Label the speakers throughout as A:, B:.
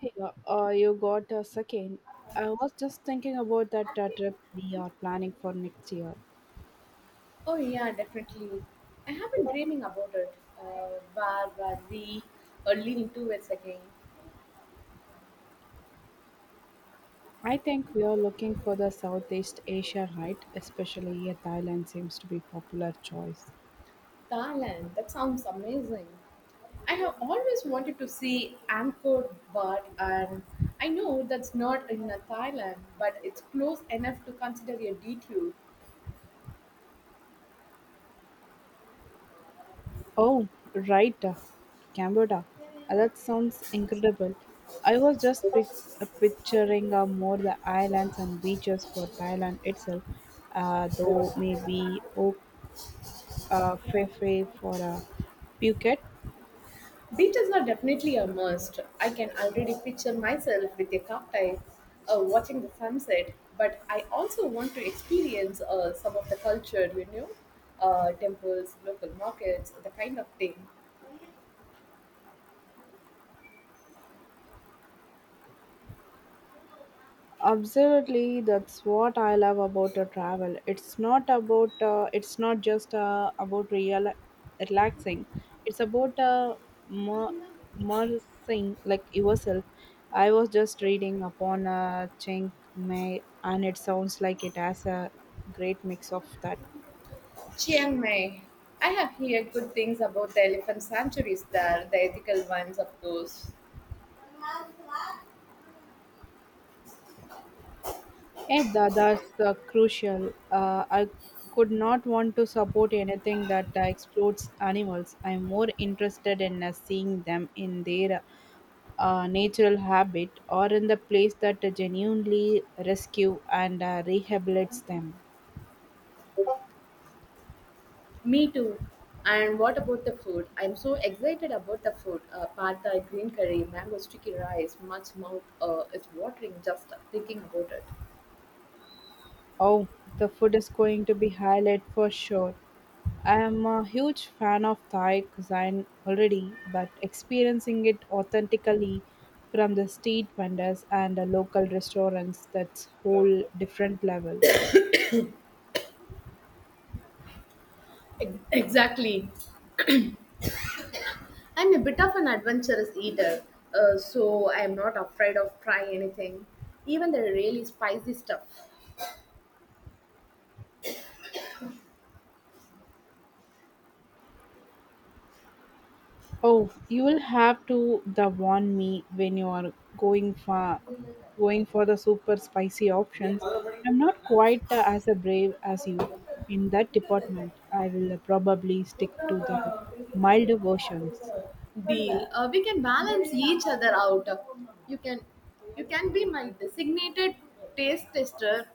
A: Hey, you got a second. I was just thinking about that trip we are planning for next year.
B: Oh yeah, definitely. I have been dreaming about it. Where were we leaning towards again?
A: I think we are looking for the Southeast Asia, right? Especially Thailand seems to be popular choice.
B: Thailand. That sounds amazing. I have always wanted to see Angkor Wat, and I know that's not in Thailand, but it's close enough to consider a detour.
A: Oh, right, Cambodia. That sounds incredible. I was just picturing more the islands and beaches for Thailand itself, though maybe Phi Phi for Phuket.
B: Beaches are definitely a must. I can already picture myself with a cocktail, watching the sunset, but I also want to experience some of the culture, you know, temples, local markets, the kind of thing.
A: Absolutely, that's what I love about travel. It's not about it's not just about real relaxing. It's about mer- immersing like yourself. I was just reading upon Chiang Mai, and it sounds like it has a great mix of that.
B: Chiang Mai. I have heard good things about the elephant sanctuaries there, the ethical ones, of course.
A: That's crucial. I could not want to support anything that explodes animals. I'm more interested in seeing them in their natural habit or in the place that genuinely rescue and rehabilitates them.
B: Me too. And what about the food? I'm so excited about the food. Pad thai, green curry, mango sticky rice, much mouth is watering just thinking about it.
A: Oh, the food is going to be highlight for sure. I am a huge fan of Thai cuisine already, but experiencing it authentically from the street vendors and the local restaurants that's whole different level.
B: Exactly. I'm a bit of an adventurous eater, so I'm not afraid of trying anything, even the really spicy stuff.
A: Oh, you'll have to the warn me when you are going for going for the super spicy options. I'm not quite as a brave as you in that department. I will probably stick to the milder versions.
B: Deal. We can balance each other out. You can, you can be my designated taste tester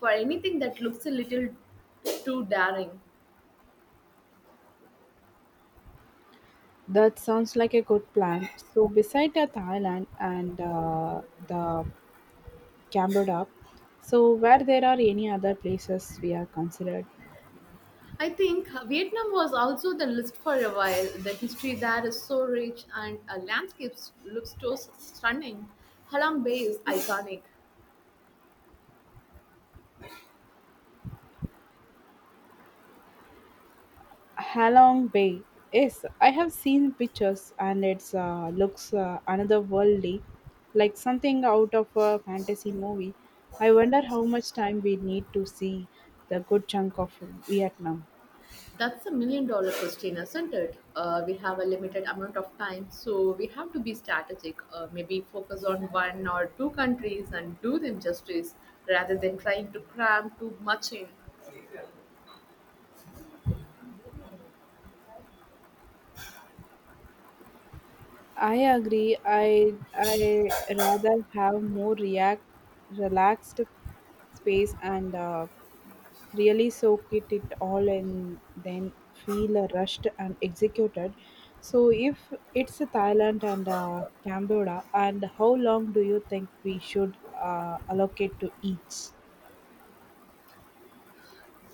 B: for anything that looks a little too daring.
A: That sounds like a good plan. So, beside the Thailand and the Cambodia, so where there are any other places we are considered?
B: I think Vietnam was also the list for a while. The history there is so rich and landscapes look so stunning. Halong Bay is iconic.
A: Halong Bay. Yes, I have seen pictures and it's looks otherworldly, like something out of a fantasy movie. I wonder how much time we need to see the good chunk of Vietnam.
B: That's a million dollar question, isn't it? We have a limited amount of time, so we have to be strategic. Maybe focus on one or two countries and do them justice rather than trying to cram too much in.
A: I agree. I rather have more react relaxed space and really soak it all in then feel rushed and executed. So if it's Thailand and Cambodia, and how long do you think we should allocate to each?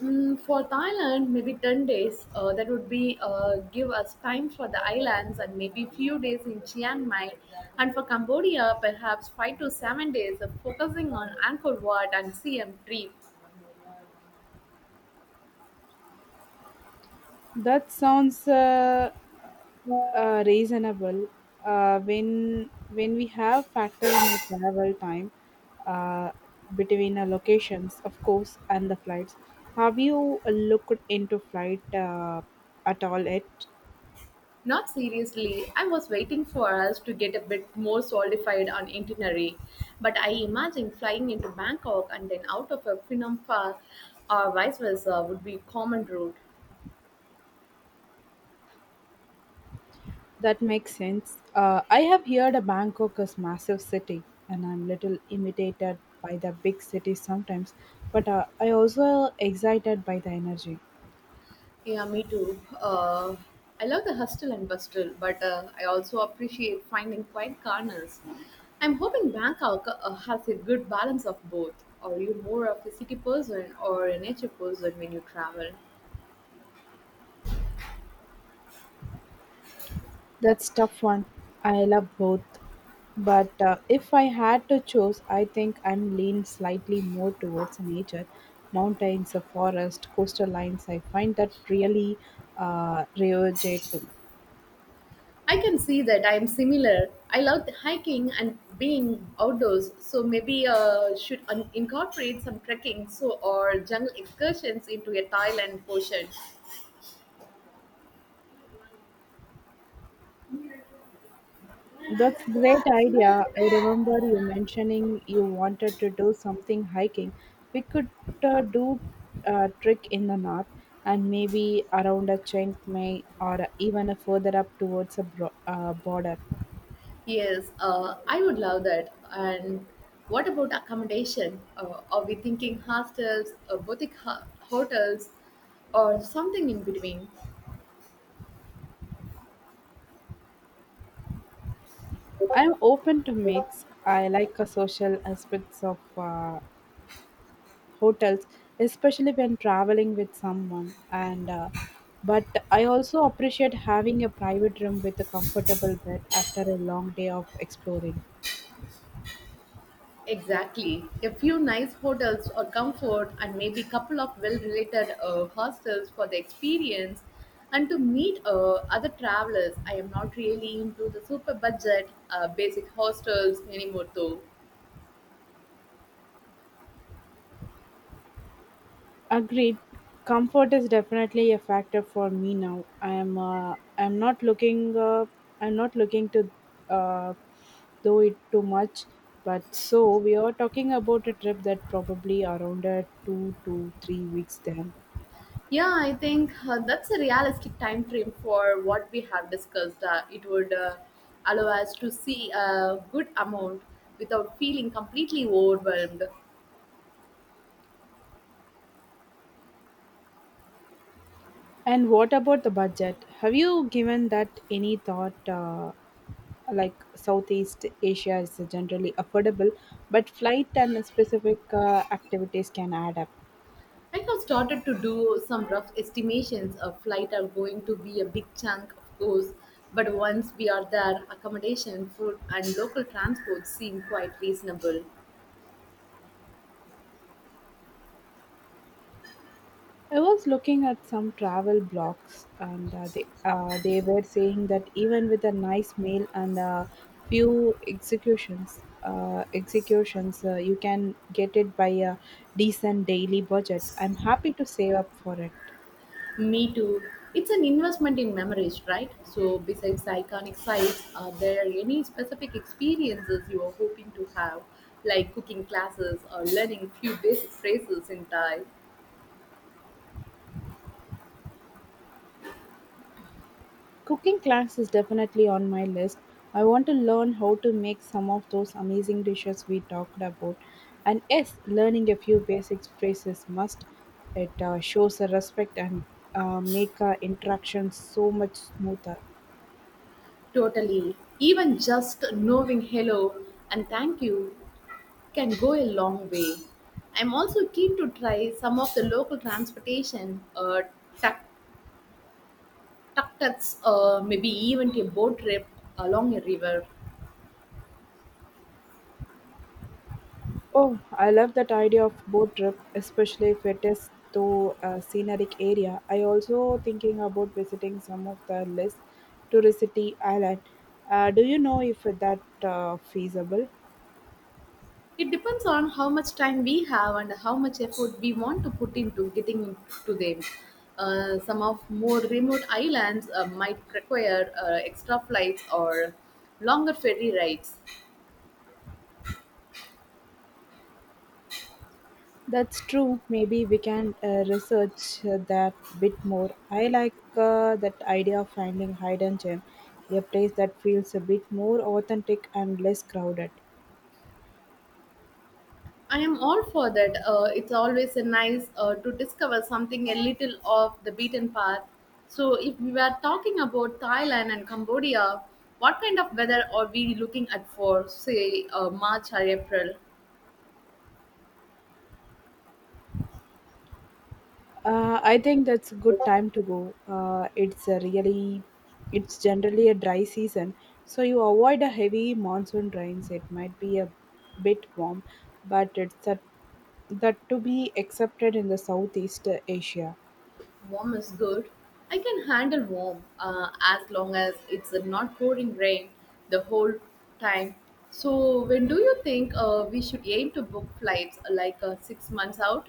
B: Mm, for Thailand, maybe 10 days. That would be give us time for the islands and maybe few days in Chiang Mai. And for Cambodia, perhaps 5 to 7 days of focusing on Angkor Wat and CM3.
A: That sounds reasonable. When we have factor in a travel time uh, between the locations, of course, and the flights, have you looked into flight at all yet?
B: Not seriously, I was waiting for us to get a bit more solidified on itinerary. But I imagine flying into Bangkok and then out of a Phnom Penh or vice versa would be common route.
A: That makes sense. I have heard a Bangkok is massive city, and I'm little imitated by the big cities sometimes, but I also excited by the energy.
B: Yeah, me too. I love the hustle and bustle, but I also appreciate finding quiet corners. I'm hoping Bangkok has a good balance of both. Are you more of a city person or a nature person when you travel?
A: That's tough one. I love both. But if I had to choose, I think I'm lean slightly more towards nature, mountains, a forest, coastal lines. I find that really rejuvenating.
B: I can see that I am similar. I love hiking and being outdoors, so maybe should incorporate some trekking so or jungle excursions into a Thailand portion.
A: That's great idea. I remember you mentioning you wanted to do something hiking. We could do a trek in the north and maybe around a Chiang Mai or even further up towards a border.
B: Yes, I would love that. And what about accommodation? Are we thinking hostels, boutique hotels, or something in between?
A: I'm open to mix. I like a social aspects of hotels, especially when traveling with someone. And but I also appreciate having a private room with a comfortable bed after a long day of exploring.
B: Exactly. A few nice hotels or comfort, and maybe couple of well-related hostels for the experience and to meet other travelers. I am not really into the super budget basic hostels anymore, though.
A: Agreed. Comfort is definitely a factor for me now. I'm not looking to uh, do it too much. But so we are talking about a trip that probably around 2 to 3 weeks then.
B: Yeah, I think that's a realistic time frame for what we have discussed. It would allow us to see a good amount without feeling completely overwhelmed.
A: And what about the budget? Have you given that any thought? Like Southeast Asia is generally affordable, but flight and specific activities can add up.
B: I have started to do some rough estimations of flight are going to be a big chunk, of course, but once we are there, accommodation, food, and local transport seem quite reasonable.
A: I was looking at some travel blogs, and they were saying that even with a nice meal and a few executions, executions, you can get it by a decent daily budget. I'm happy to save up for it.
B: Me too. It's an investment in memories, right? So, besides iconic sites, are there any specific experiences you are hoping to have, like cooking classes or learning few basic phrases in Thai?
A: Cooking class is definitely on my list. I want to learn how to make some of those amazing dishes we talked about. And yes, learning a few basic phrases must. It shows a respect and make our interactions so much smoother.
B: Totally. Even just knowing hello and thank you can go a long way. I'm also keen to try some of the local transportation, tuk tuks, maybe even a boat trip along a river.
A: Oh, I love that idea of boat trip, especially if it is to a scenic area. I also thinking about visiting some of the less touristy island. Do you know if that feasible?
B: It depends on how much time we have and how much effort we want to put into getting to them. Some of more remote islands might require extra flights or longer ferry rides.
A: That's true. Maybe we can research that bit more. I like that idea of finding hidden gem, a place that feels a bit more authentic and less crowded.
B: I am all for that. It's always a nice to discover something a little off the beaten path. So, if we were talking about Thailand and Cambodia, what kind of weather are we looking at for, say, March or April?
A: I think that's a good time to go. It's a really, it's generally a dry season, so you avoid a heavy monsoon rains. It might be a bit warm, but it's a, that to be accepted in the Southeast Asia.
B: Warm is good. I can handle warm as long as it's not pouring rain the whole time. So, when do you think we should aim to book flights like 6 months out?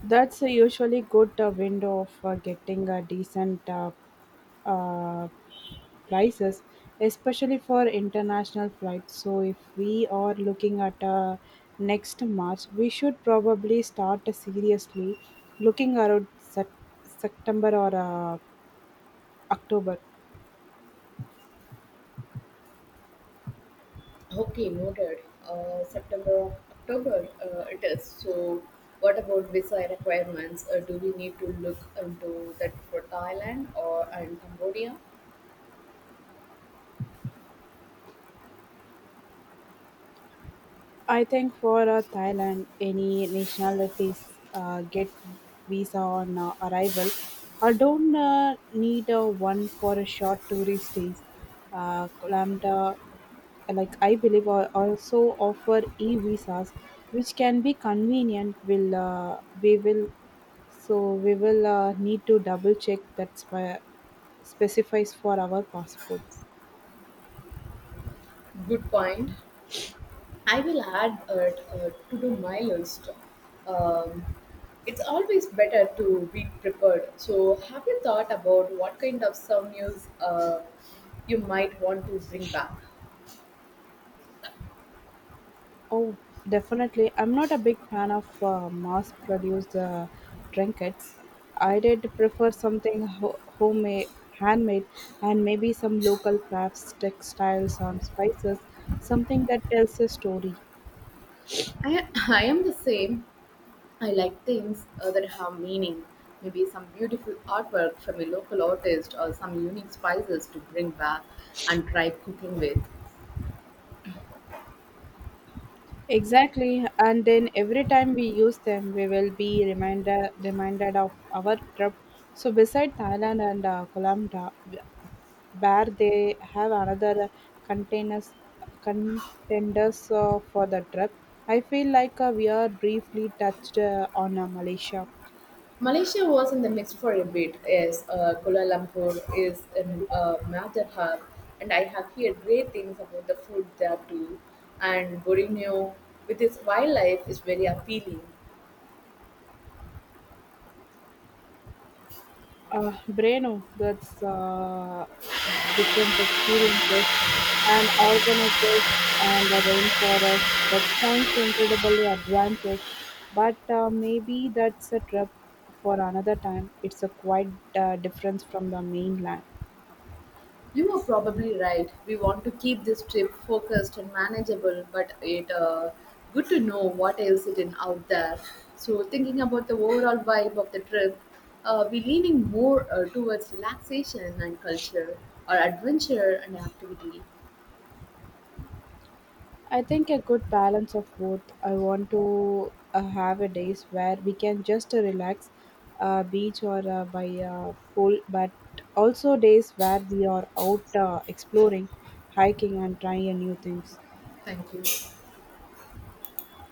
A: That's a usually good window of getting a decent uh, prices, especially for international flights. So if we are looking at next March, we should probably start seriously looking around September or October.
B: Okay, noted. September, October it is. So, what about visa requirements? Do we need to look into that for Thailand or and Cambodia?
A: I think for Thailand, any nationalities get visa on arrival or don't need one for a short tourist stays. Lambda, like I believe, are also offer e visas, which can be convenient. Will we will so we will need to double check that's why, specifies for our passports.
B: Good point. I will add to do my list. Um, it's always better to be prepared. So, have you thought about what kind of souvenirs you might want to bring back?
A: Oh, definitely. I'm not a big fan of mass produced trinkets. I did prefer something homemade, handmade, and maybe some local crafts, textiles, and spices, something that tells a story.
B: I, I am the same. I like things that have meaning. Maybe some beautiful artwork from a local artist or some unique spices to bring back and try cooking with.
A: Exactly, and then every time we use them, we will be reminded of our trip. So beside Thailand and Colombia, where they have another containers contenders for the trip, I feel like we are briefly touched on Malaysia.
B: Malaysia was in the mix for a bit. Yes, Kuala Lumpur is a major hub, and I have heard great things about the food there too. And Borneo, with its wildlife, is very appealing.
A: Breno, that's different experiences and organizers and the rainforest. That sounds incredibly adventurous, but maybe that's a trip for another time. It's a quite difference from the mainland.
B: You are probably right. We want to keep this trip focused and manageable, but it good to know what else is in out there. So, thinking about the overall vibe of the trip, we're leaning more towards relaxation and culture, or adventure and activity.
A: I think a good balance of both. I want to have a days where we can just relax, beach or by pool, but also days where we are out exploring, hiking, and trying new things.
B: Thank you.